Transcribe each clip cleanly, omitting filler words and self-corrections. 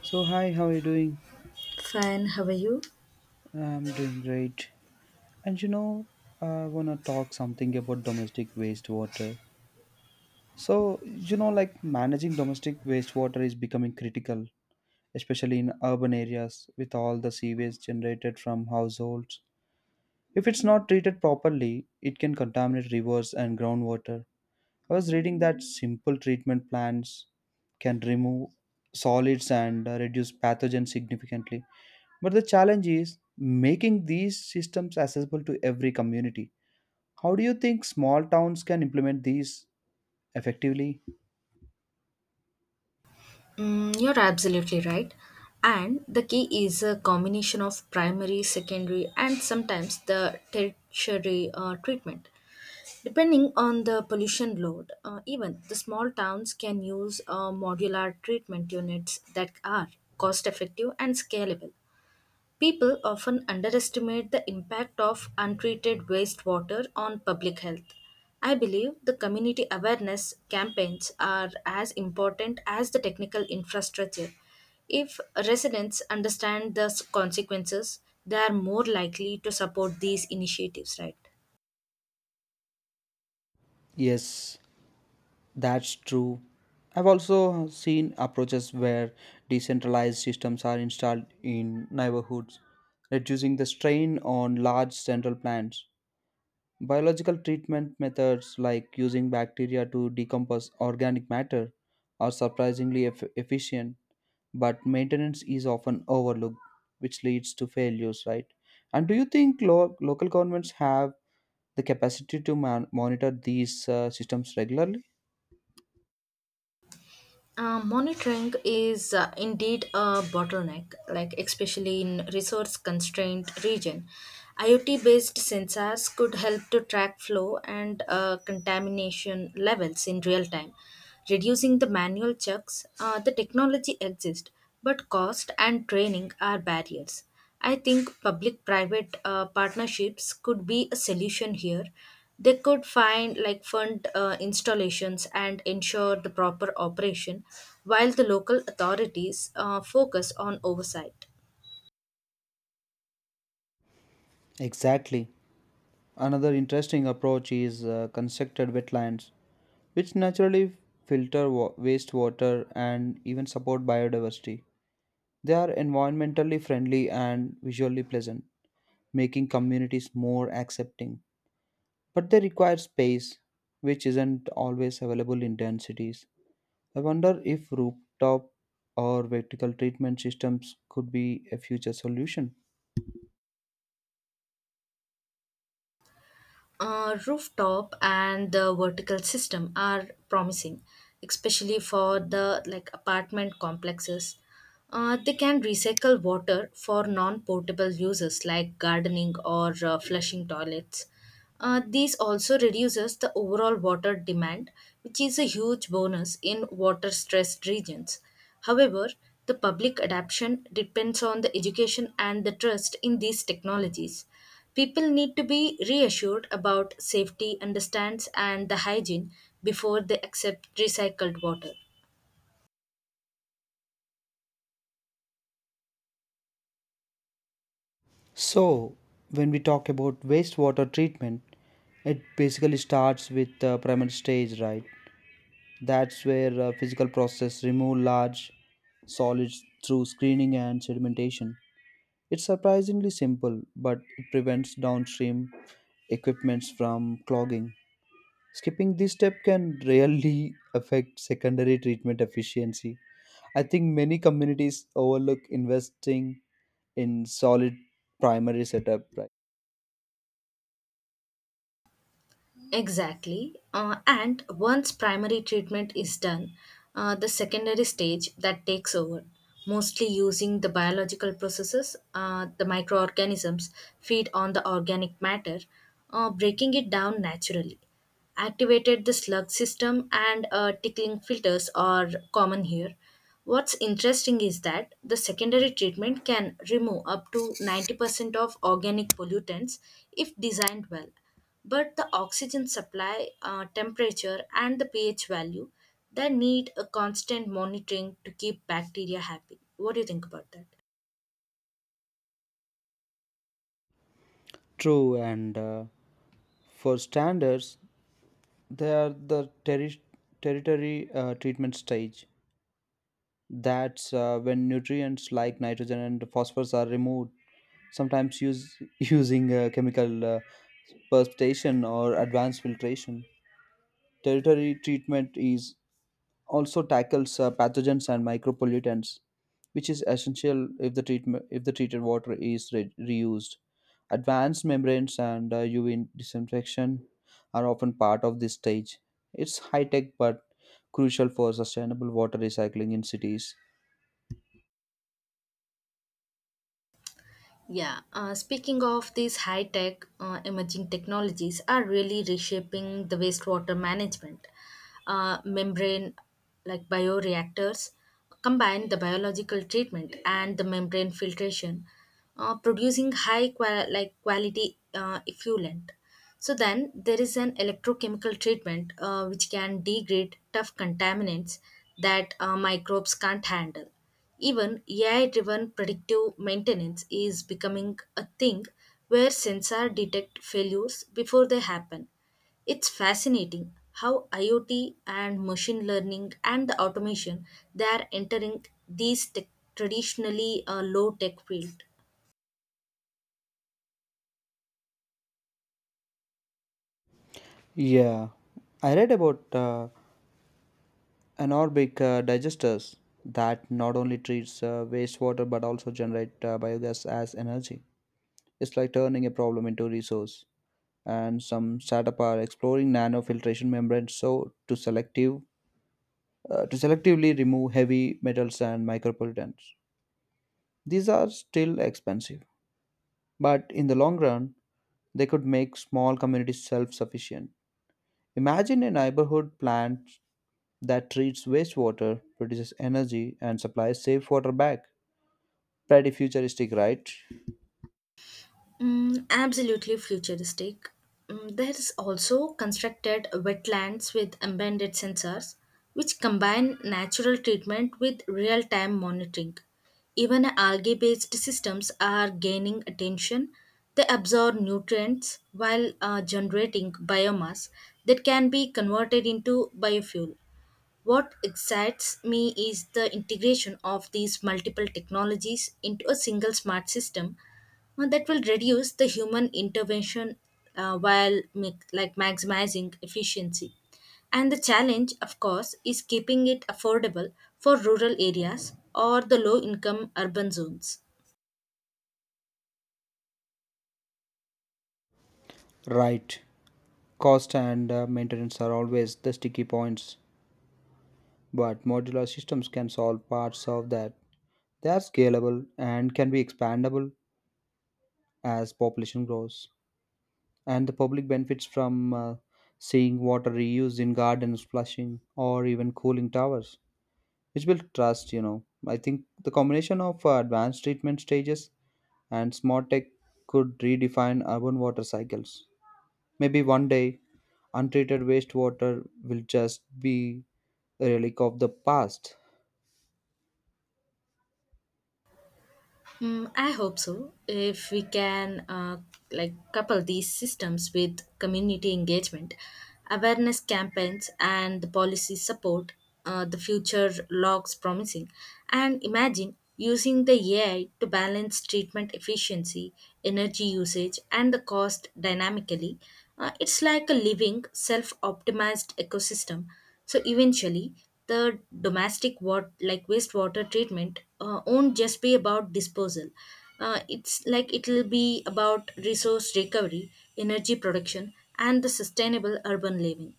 So hi, how are you doing? Fine, how are you? I'm doing great. And you know, I wanna talk something about domestic wastewater. Managing domestic wastewater is becoming critical, especially in urban areas with all the sewage generated from households. If it's not treated properly, it can contaminate rivers and groundwater. I was reading that simple treatment plans can remove solids and reduce pathogens significantly. But the challenge is making these systems accessible to every community. How do you think small towns can implement these effectively? Mm, you're absolutely right. And the key is a combination of primary, secondary, and sometimes the tertiary treatment. Depending on the pollution load, even the small towns can use modular treatment units that are cost effective and scalable. People often underestimate the impact of untreated wastewater on public health. I believe the community awareness campaigns are as important as the technical infrastructure. If residents understand the consequences, they are more likely to support these initiatives, right? Yes, that's true. I've also seen approaches where decentralized systems are installed in neighborhoods, reducing the strain on large central plants. Biological treatment methods like using bacteria to decompose organic matter are surprisingly efficient, but maintenance is often overlooked, which leads to failures, right? And do you think local governments have the capacity to monitor these systems regularly? Monitoring is indeed a bottleneck, like especially in resource-constrained region. IoT-based sensors could help to track flow and contamination levels in real time, reducing the manual checks. The technology exists, but cost and training are barriers. I think public private partnerships could be a solution here. They could find like fund installations and ensure the proper operation while the local authorities focus on oversight. Exactly. Another interesting approach is constructed wetlands, which naturally filter wastewater and even support biodiversity. They are environmentally friendly and visually pleasant, making communities more accepting. But they require space, which isn't always available in dense cities. I wonder if rooftop or vertical treatment systems could be a future solution. Rooftop and the vertical system are promising, especially for the like apartment complexes. They can recycle water for non-portable uses like gardening or flushing toilets. These also reduces the overall water demand, which is a huge bonus in water-stressed regions. However, the public adoption depends on the education and the trust in these technologies. People need to be reassured about safety, understands, and the hygiene before they accept recycled water. So, when we talk about wastewater treatment, it basically starts with the primary stage, right? That's where physical process remove large solids through screening and sedimentation. It's surprisingly simple, but it prevents downstream equipments from clogging. Skipping this step can really affect secondary treatment efficiency. I think many communities overlook investing in solid primary setup. Right? Exactly. And once primary treatment is done, the secondary stage that takes over, mostly using the biological processes, the microorganisms feed on the organic matter, breaking it down naturally. Activated the slug system and tickling filters are common here. What's interesting is that the secondary treatment can remove up to 90% of organic pollutants if designed well. But the oxygen supply, temperature, and the pH value, they need a constant monitoring to keep bacteria happy. What do you think about that? True, and for standards, they are the territory treatment stage. That's when nutrients like nitrogen and phosphorus are removed, sometimes use, using chemical precipitation or advanced filtration. Territory treatment is also tackles pathogens and micropollutants, which is essential if the treated water is reused. Advanced membranes and UV disinfection are often part of this stage. It's high tech but crucial for sustainable water recycling in cities. Yeah, speaking of these high tech emerging technologies, are really reshaping the wastewater management. Membrane bioreactors combine the biological treatment and the membrane filtration, producing like quality effluent. So then there is an electrochemical treatment which can degrade tough contaminants that microbes can't handle. Even AI driven predictive maintenance is becoming a thing where sensors detect failures before they happen. It's fascinating how IoT and machine learning and the automation they are entering these traditionally low tech field. Yeah, I read about anaerobic digesters that not only treats wastewater but also generate biogas as energy. It's like turning a problem into resource. And some startup are exploring nanofiltration membranes to selectively remove heavy metals and micropollutants. These are still expensive, but in the long run, they could make small communities self-sufficient. Imagine a neighborhood plant that treats wastewater, produces energy, and supplies safe water back. Pretty futuristic, right? Mm, absolutely futuristic. Mm, there is also constructed wetlands with embedded sensors, which combine natural treatment with real time monitoring. Even algae based systems are gaining attention. They absorb nutrients while generating biomass that can be converted into biofuel. What excites me is the integration of these multiple technologies into a single smart system that will reduce the human intervention while make, like maximizing efficiency. And the challenge, of course, is keeping it affordable for rural areas or the low income urban zones. Right. Cost and maintenance are always the sticky points, but modular systems can solve parts of that. They are scalable and can be expandable as population grows. And the public benefits from seeing water reused in gardens, flushing, or even cooling towers, which will trust, you know. I think the combination of advanced treatment stages and smart tech could redefine urban water cycles. Maybe one day, untreated wastewater will just be a relic of the past. Mm, I hope so. If we can like couple these systems with community engagement, awareness campaigns, and the policy support, the future looks promising. And imagine using the AI to balance treatment efficiency, energy usage, and the cost dynamically. It's like a living, self-optimized ecosystem. So eventually the domestic wat like wastewater treatment won't just be about disposal. It'll be about resource recovery, energy production, and the sustainable urban living.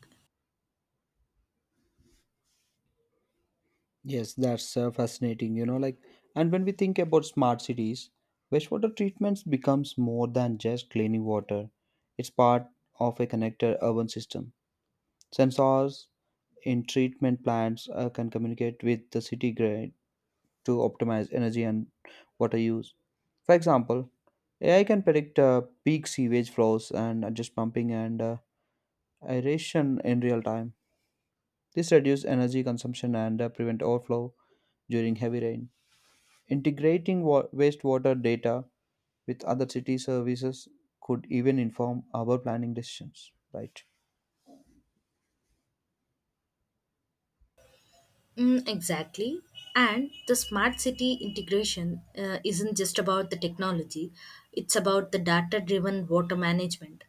Yes, that's fascinating. And when we think about smart cities, wastewater treatments becomes more than just cleaning water. It's part of a connected urban system. Sensors in treatment plants can communicate with the city grid to optimize energy and water use. For example, AI can predict peak sewage flows and adjust pumping and aeration in real time. This reduces energy consumption and prevent overflow during heavy rain. Integrating wastewater data with other city services could even inform our planning decisions, right? Mm, exactly. And the smart city integration isn't just about the technology, it's about the data driven water management.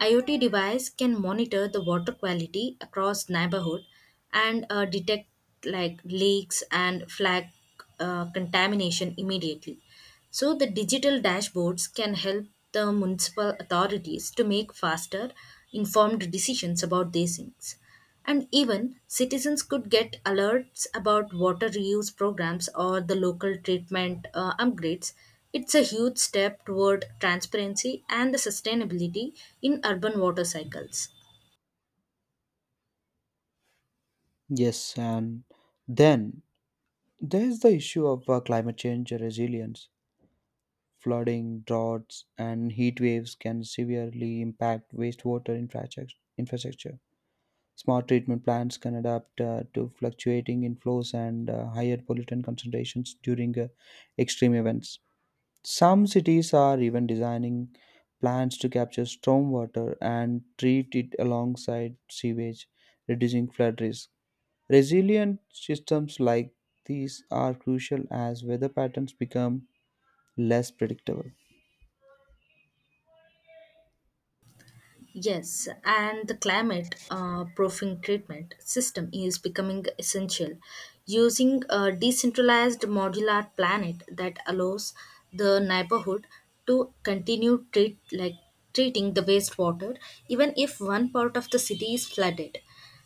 IoT device can monitor the water quality across neighborhood and detect like leaks and flag contamination immediately. So, the digital dashboards can help the municipal authorities to make faster, informed decisions about these things. And even citizens could get alerts about water reuse programs or the local treatment upgrades. It's a huge step toward transparency and the sustainability in urban water cycles. Yes, and then there's the issue of climate change resilience. Flooding, droughts, and heat waves can severely impact infrastructure. Smart treatment plants can adapt to fluctuating inflows and higher pollutant concentrations during extreme events. Some cities are even designing plans to capture stormwater and treat it alongside sewage, reducing flood risk. Resilient systems like these are crucial as weather patterns become less predictable. Yes, and the climate proofing treatment system is becoming essential. Using a decentralized modular planet that allows the neighborhood to continue treating the wastewater even if one part of the city is flooded.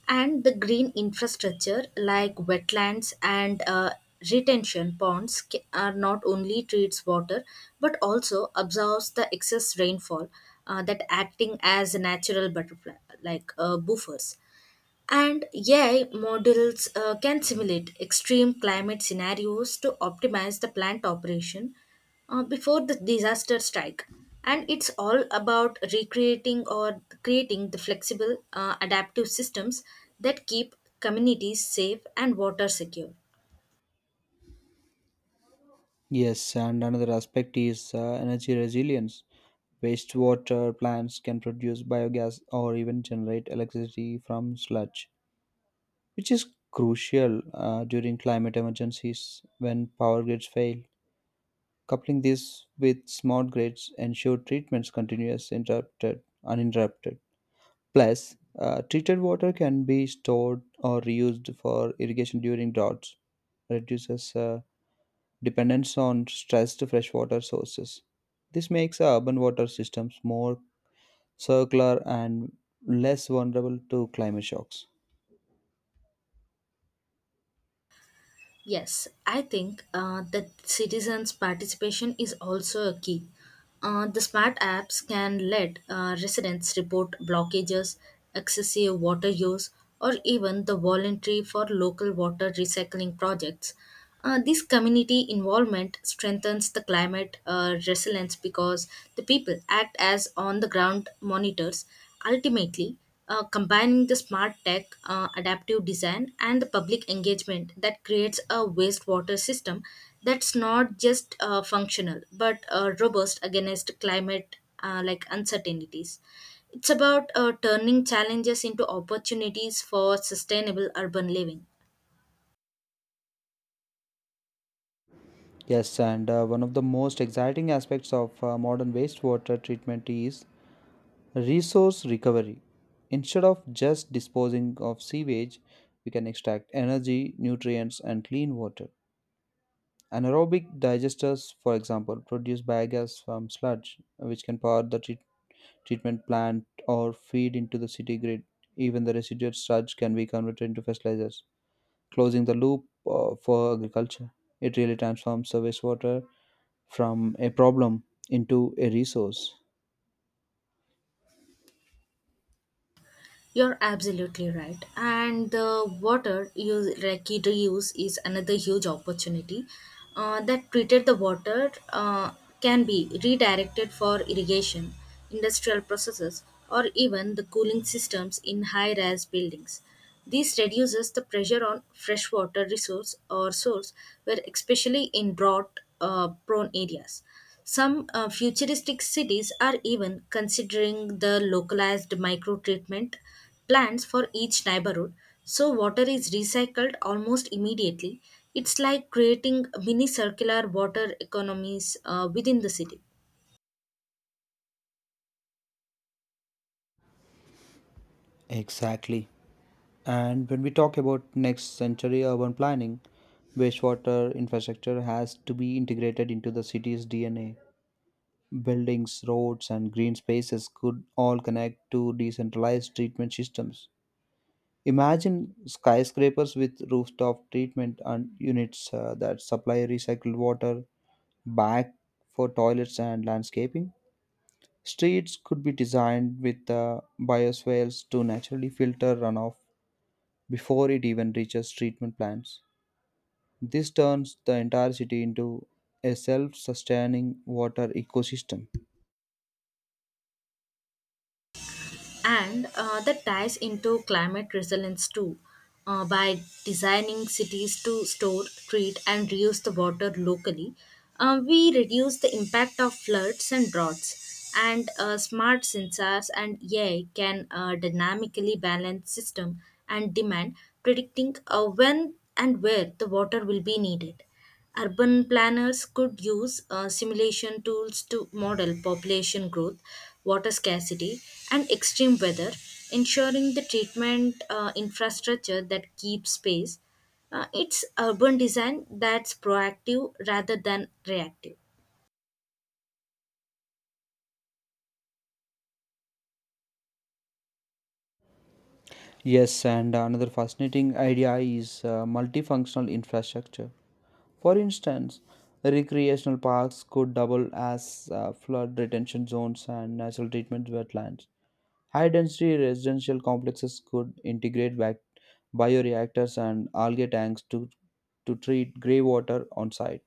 And the green infrastructure like wetlands and retention ponds are not only treats water but also absorbs the excess rainfall that acting as a natural butterfly like buffers. And AI models can simulate extreme climate scenarios to optimize the plant operation before the disaster strike. And it's all about recreating or creating the flexible, adaptive systems that keep communities safe and water secure. Yes, and another aspect is energy resilience. Wastewater plants can produce biogas or even generate electricity from sludge, which is crucial during climate emergencies when power grids fail. Coupling this with smart grids ensure treatments continuous interrupted uninterrupted. Plus, treated water can be stored or reused for irrigation during droughts, reduces dependence on stressed freshwater sources. This makes urban water systems more circular and less vulnerable to climate shocks. Yes, I think that citizens' participation is also a key. The smart apps can let residents report blockages, excessive water use, or even the voluntary for local water recycling projects. This community involvement strengthens the climate resilience because the people act as on the ground monitors. Ultimately, combining the smart tech, adaptive design, and the public engagement that creates a wastewater system that's not just functional but robust against climate like uncertainties. It's about turning challenges into opportunities for sustainable urban living. Yes, and one of the most exciting aspects of modern wastewater treatment is resource recovery. Instead of just disposing of sewage, we can extract energy, nutrients, and clean water. Anaerobic digesters, for example, produce biogas from sludge, which can power the treatment plant or feed into the city grid. Even the residual sludge can be converted into fertilizers, closing the loop for agriculture. It really transforms the wastewater from a problem into a resource. You're absolutely right. And the water use, like it reuse is another huge opportunity. That treated the water can be redirected for irrigation, industrial processes, or even the cooling systems in high-rise buildings. This reduces the pressure on freshwater resource or source, where especially in drought prone areas. Some futuristic cities are even considering the localized microtreatment plants for each neighborhood, so water is recycled almost immediately. It's like creating mini circular water economies within the city. Exactly. And when we talk about next century urban planning, wastewater infrastructure has to be integrated into the city's DNA. Buildings, roads, and green spaces could all connect to decentralized treatment systems. Imagine skyscrapers with rooftop treatment and units that supply recycled water back for toilets and landscaping. Streets could be designed with bioswales to naturally filter runoff before it even reaches treatment plants. This turns the entire city into a self sustaining water ecosystem. And that ties into climate resilience too. By designing cities to store, treat, and reuse the water locally, we reduce the impact of floods and droughts. And smart sensors and AI can dynamically balance system and demand, predicting when and where the water will be needed. Urban planners could use simulation tools to model population growth, water scarcity, and extreme weather, ensuring the treatment infrastructure that keeps pace. It's urban design that's proactive rather than reactive. Yes, and another fascinating idea is multifunctional infrastructure. For instance, recreational parks could double as flood retention zones and natural treatment wetlands. High density residential complexes could integrate bioreactors and algae tanks to treat grey water on site.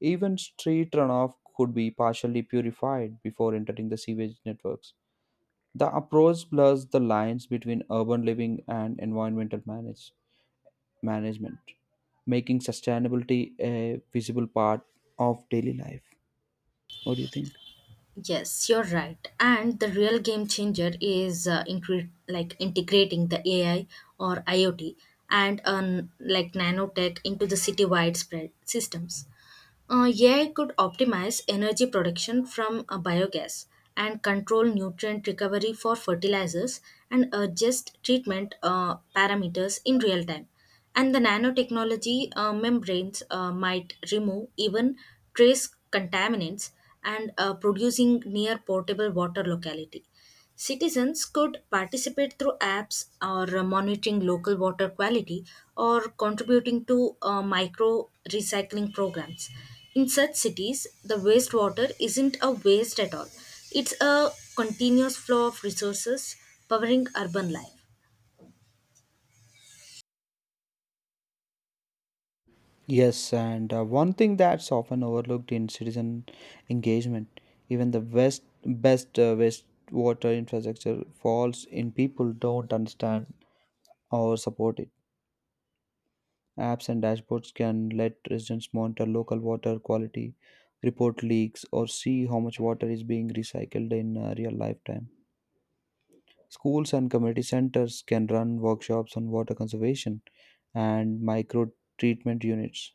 Even street runoff could be partially purified before entering the sewage networks. The approach blurs the lines between urban living and environmental management, making sustainability a visible part of daily life. What do you think? Yes, you're right. And the real game changer is integrating the AI or IoT and like nanotech into the city-wide spread systems. AI could optimize energy production from biogas and control nutrient recovery for fertilizers and adjust treatment parameters in real time. And the nanotechnology membranes might remove even trace contaminants and producing near portable water locality. Citizens could participate through apps or monitoring local water quality or contributing to micro recycling programs. In such cities, the wastewater isn't a waste at all, it's a continuous flow of resources powering urban life. Yes, and one thing that's often overlooked in citizen engagement, even the best wastewater infrastructure falls in people don't understand or support it. Apps and dashboards can let residents monitor local water quality, report leaks, or see how much water is being recycled in real lifetime. Schools and community centers can run workshops on water conservation and micro treatment units.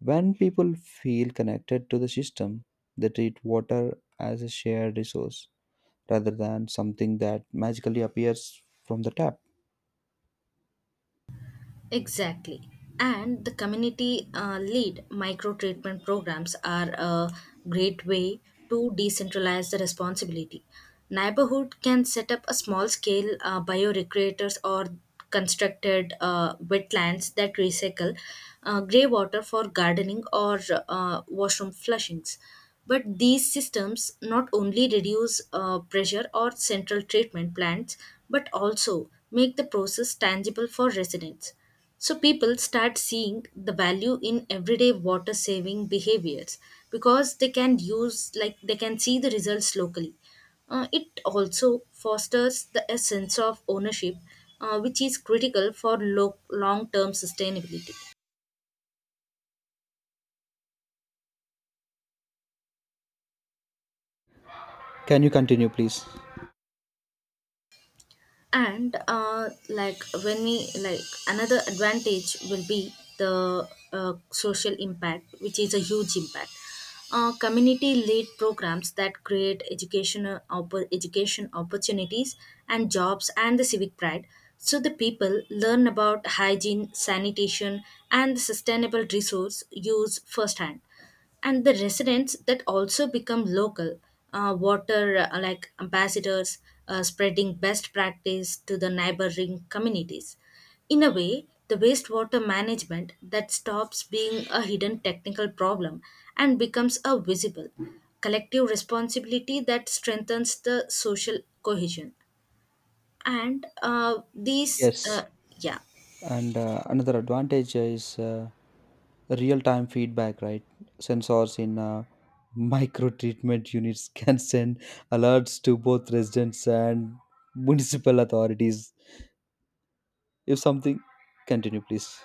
When people feel connected to the system, they treat water as a shared resource rather than something that magically appears from the tap. Exactly. And the community lead micro treatment programs are a great way to decentralize the responsibility. Neighborhood can set up a small scale bioreactors or constructed wetlands that recycle grey water for gardening or washroom flushings. But these systems not only reduce pressure or central treatment plants, but also make the process tangible for residents. So people start seeing the value in everyday water saving behaviors because they can see the results locally. It also fosters the a sense of ownership, which is critical for long term sustainability. Can you continue, please? And like when we like Another advantage will be the social impact, which is a huge impact. Community led programs that create education opportunities and jobs and the civic pride, so the people learn about hygiene sanitation and sustainable resource use firsthand, and the residents that also become local water like ambassadors, spreading best practice to the neighboring communities. In a way, the wastewater management that stops being a hidden technical problem and becomes a visible collective responsibility that strengthens the social cohesion and these Yes. yeah. And another advantage is real time feedback, right? Sensors in micro treatment units can send alerts to both residents and municipal authorities if something. Continue please.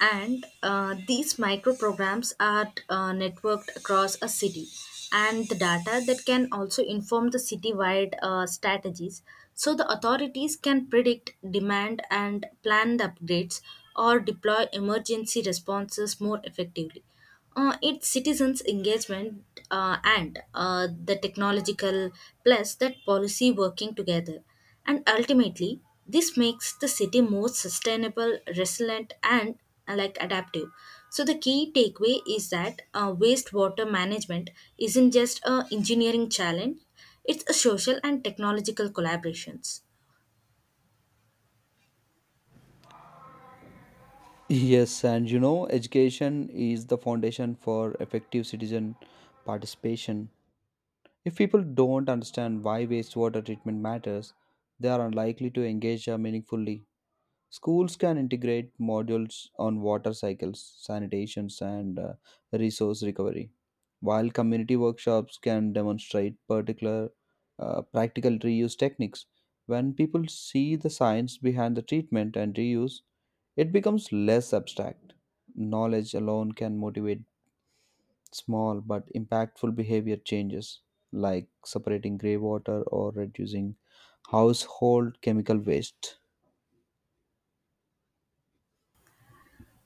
and These micro programs are networked across a city, and the data that can also inform the citywide strategies, so the authorities can predict demand and plan the upgrades or deploy emergency responses more effectively. Its citizens' engagement and the technological plus that policy working together. And ultimately, this makes the city more sustainable, resilient, and like adaptive. So the key takeaway is that wastewater management isn't just a engineering challenge; it's a social and technological collaborations. Yes, and you know education is the foundation for effective citizen participation. If people don't understand why wastewater treatment matters, they are unlikely to engage meaningfully. Schools can integrate modules on water cycles, sanitation, and resource recovery, while community workshops can demonstrate particular practical reuse techniques. When people see the science behind the treatment and reuse, it becomes less abstract. Knowledge alone can motivate small but impactful behavior changes, like separating grey water or reducing household chemical waste.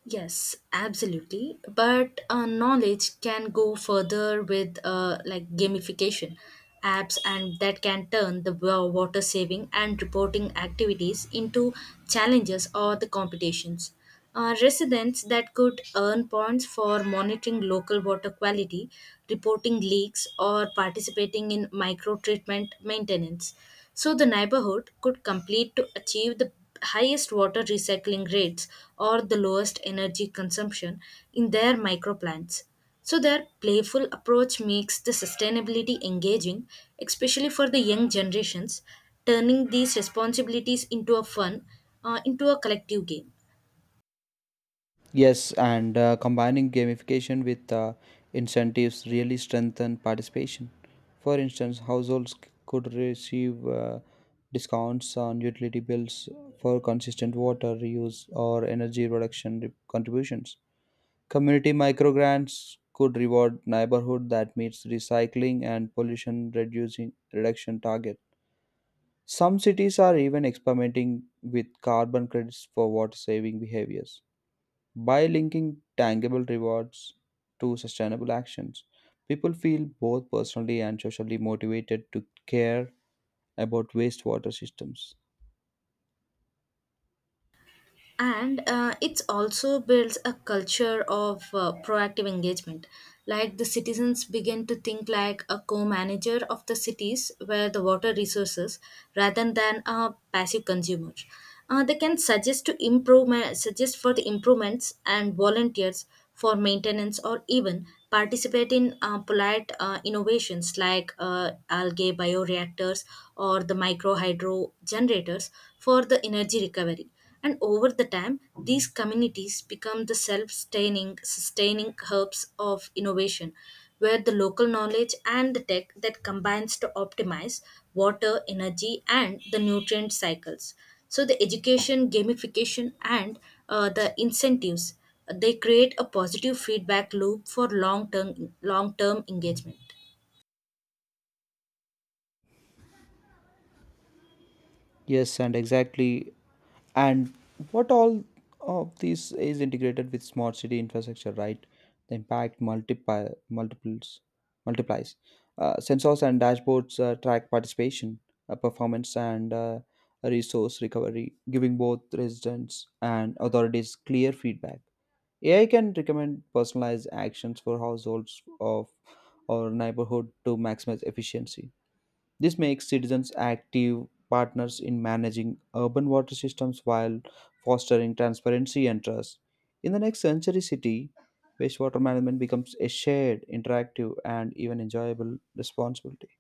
Yes, absolutely. But knowledge can go further with like gamification apps, and that can turn the water saving and reporting activities into challenges or the competitions. Residents that could earn points for monitoring local water quality, reporting leaks, or participating in micro treatment maintenance, so the neighborhood could complete to achieve the highest water recycling rates or the lowest energy consumption in their microplants. So their playful approach makes the sustainability engaging, especially for the young generations, turning these responsibilities into a fun, into a collective game. Yes, and combining gamification with incentives really strengthen participation. For instance, could receive discounts on utility bills for consistent water reuse or energy contributions. Community microgrants could reward neighborhood that meets recycling and pollution reducing reduction target. Some cities are even experimenting with carbon credits for water saving behaviors. By linking tangible rewards to sustainable actions, people feel both personally and socially motivated to care about wastewater systems. And It also builds a culture of proactive engagement, like the citizens begin to think like a co-manager of the cities where the water resources rather than a passive consumer. They can suggest for the improvements and volunteers for maintenance or even participate in polite innovations like algae bioreactors or the micro hydro generators for the energy recovery. And over the time, these communities become the self-sustaining sustaining hubs of innovation, where the local knowledge and the tech that combines to optimize water, energy, and the nutrient cycles. So the education, gamification, and the incentives, they create a positive feedback loop for long-term engagement. Yes, and exactly. And what all of this is integrated with smart city infrastructure, right? The impact multiplies. Sensors and dashboards track participation, performance, and resource recovery, giving both residents and authorities clear feedback. AI can recommend personalized actions for households of or neighborhood to maximize efficiency. This makes citizens active partners in managing urban water systems while fostering transparency and trust. In the next century city, wastewater management becomes a shared, interactive, and even enjoyable responsibility.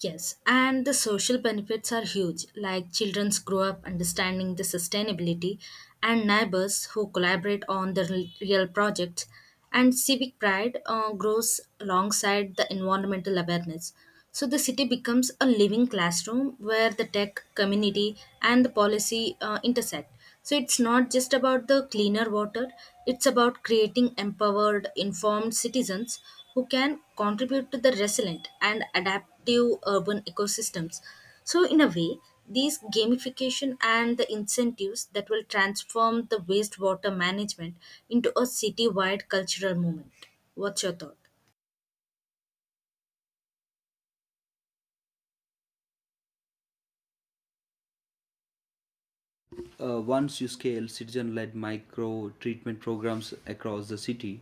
Yes, and the social benefits are huge, like children grow up understanding the sustainability and neighbors who collaborate on the real projects. And civic pride grows alongside the environmental awareness. So the city becomes a living classroom where the tech community and the policy intersect. So it's not just about the cleaner water, it's about creating empowered, informed citizens who can contribute to the resilient and adaptive urban ecosystems. So, in a way, these gamification and the incentives that will transform the wastewater management into a citywide cultural movement. What's your thought? Once you scale citizen led micro treatment programs across the city,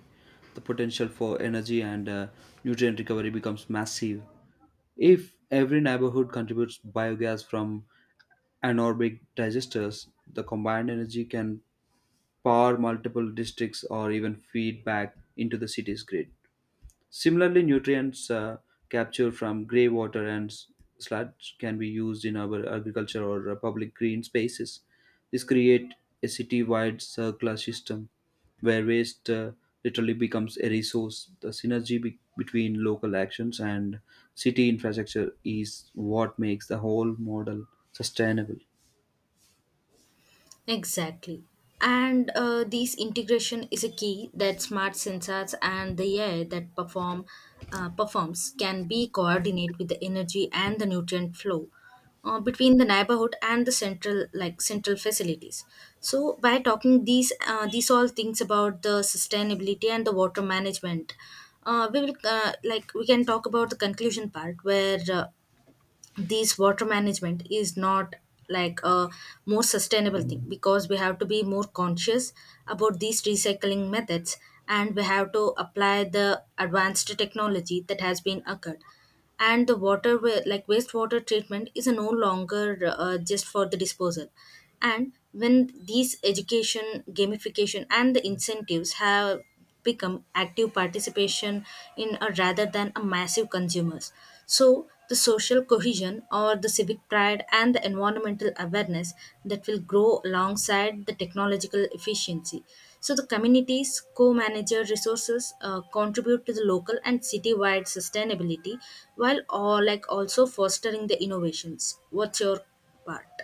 the potential for energy and nutrient recovery becomes massive. If every neighborhood contributes biogas from anaerobic digesters, the combined energy can power multiple districts or even feed back into the city's grid. Similarly, nutrients captured from grey water and sludge can be used in our agriculture or public green spaces. This create a city-wide circular system where waste literally becomes a resource. The synergy between local actions and city infrastructure is what makes the whole model sustainable. Exactly. And this integration is a key that smart sensors and the AI that performs can be coordinate with the energy and the nutrient flow between the neighborhood and the central facilities. So by talking these all things about the sustainability and the water management, we will like we can talk about the conclusion part where this water management is not like a more sustainable thing, because we have to be more conscious about these recycling methods, and we have to apply the advanced technology that has been occurred. And the water wa- like wastewater treatment is no longer just for the disposal. And when these education, gamification, and the incentives have become active participation in a rather than a massive consumers, so the social cohesion or the civic pride and the environmental awareness that will grow alongside the technological efficiency, so the communities co-manager resources contribute to the local and city-wide sustainability while all like also fostering the innovations. What's your part?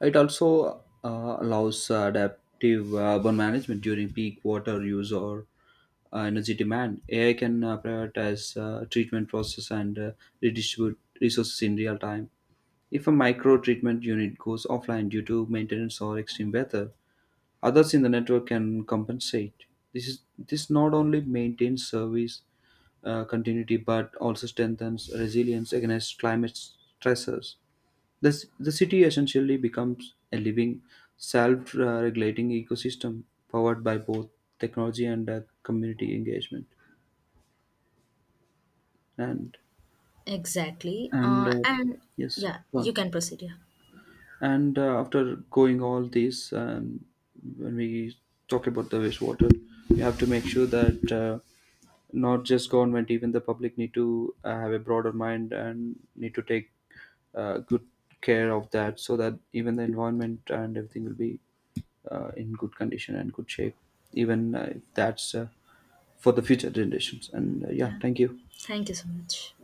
It also allows adaptive urban management during peak water use or energy demand. AI can prioritize treatment process and redistribute resources in real time. If a micro treatment unit goes offline due to maintenance or extreme weather, others in the network can compensate. This not only maintains service continuity but also strengthens resilience against climate stressors. The city essentially becomes a living, self regulating ecosystem powered by both technology and community engagement. And, Exactly. and uh, and Yes, yeah, go you on. can proceed. Yeah, And after going all this, when we talk about the wastewater, we have to make sure that not just government, even the public need to have a broader mind and need to take good care of that so that even the environment and everything will be in good condition and good shape, even if that's for the future generations. And Yeah, yeah, thank you. thank you so much.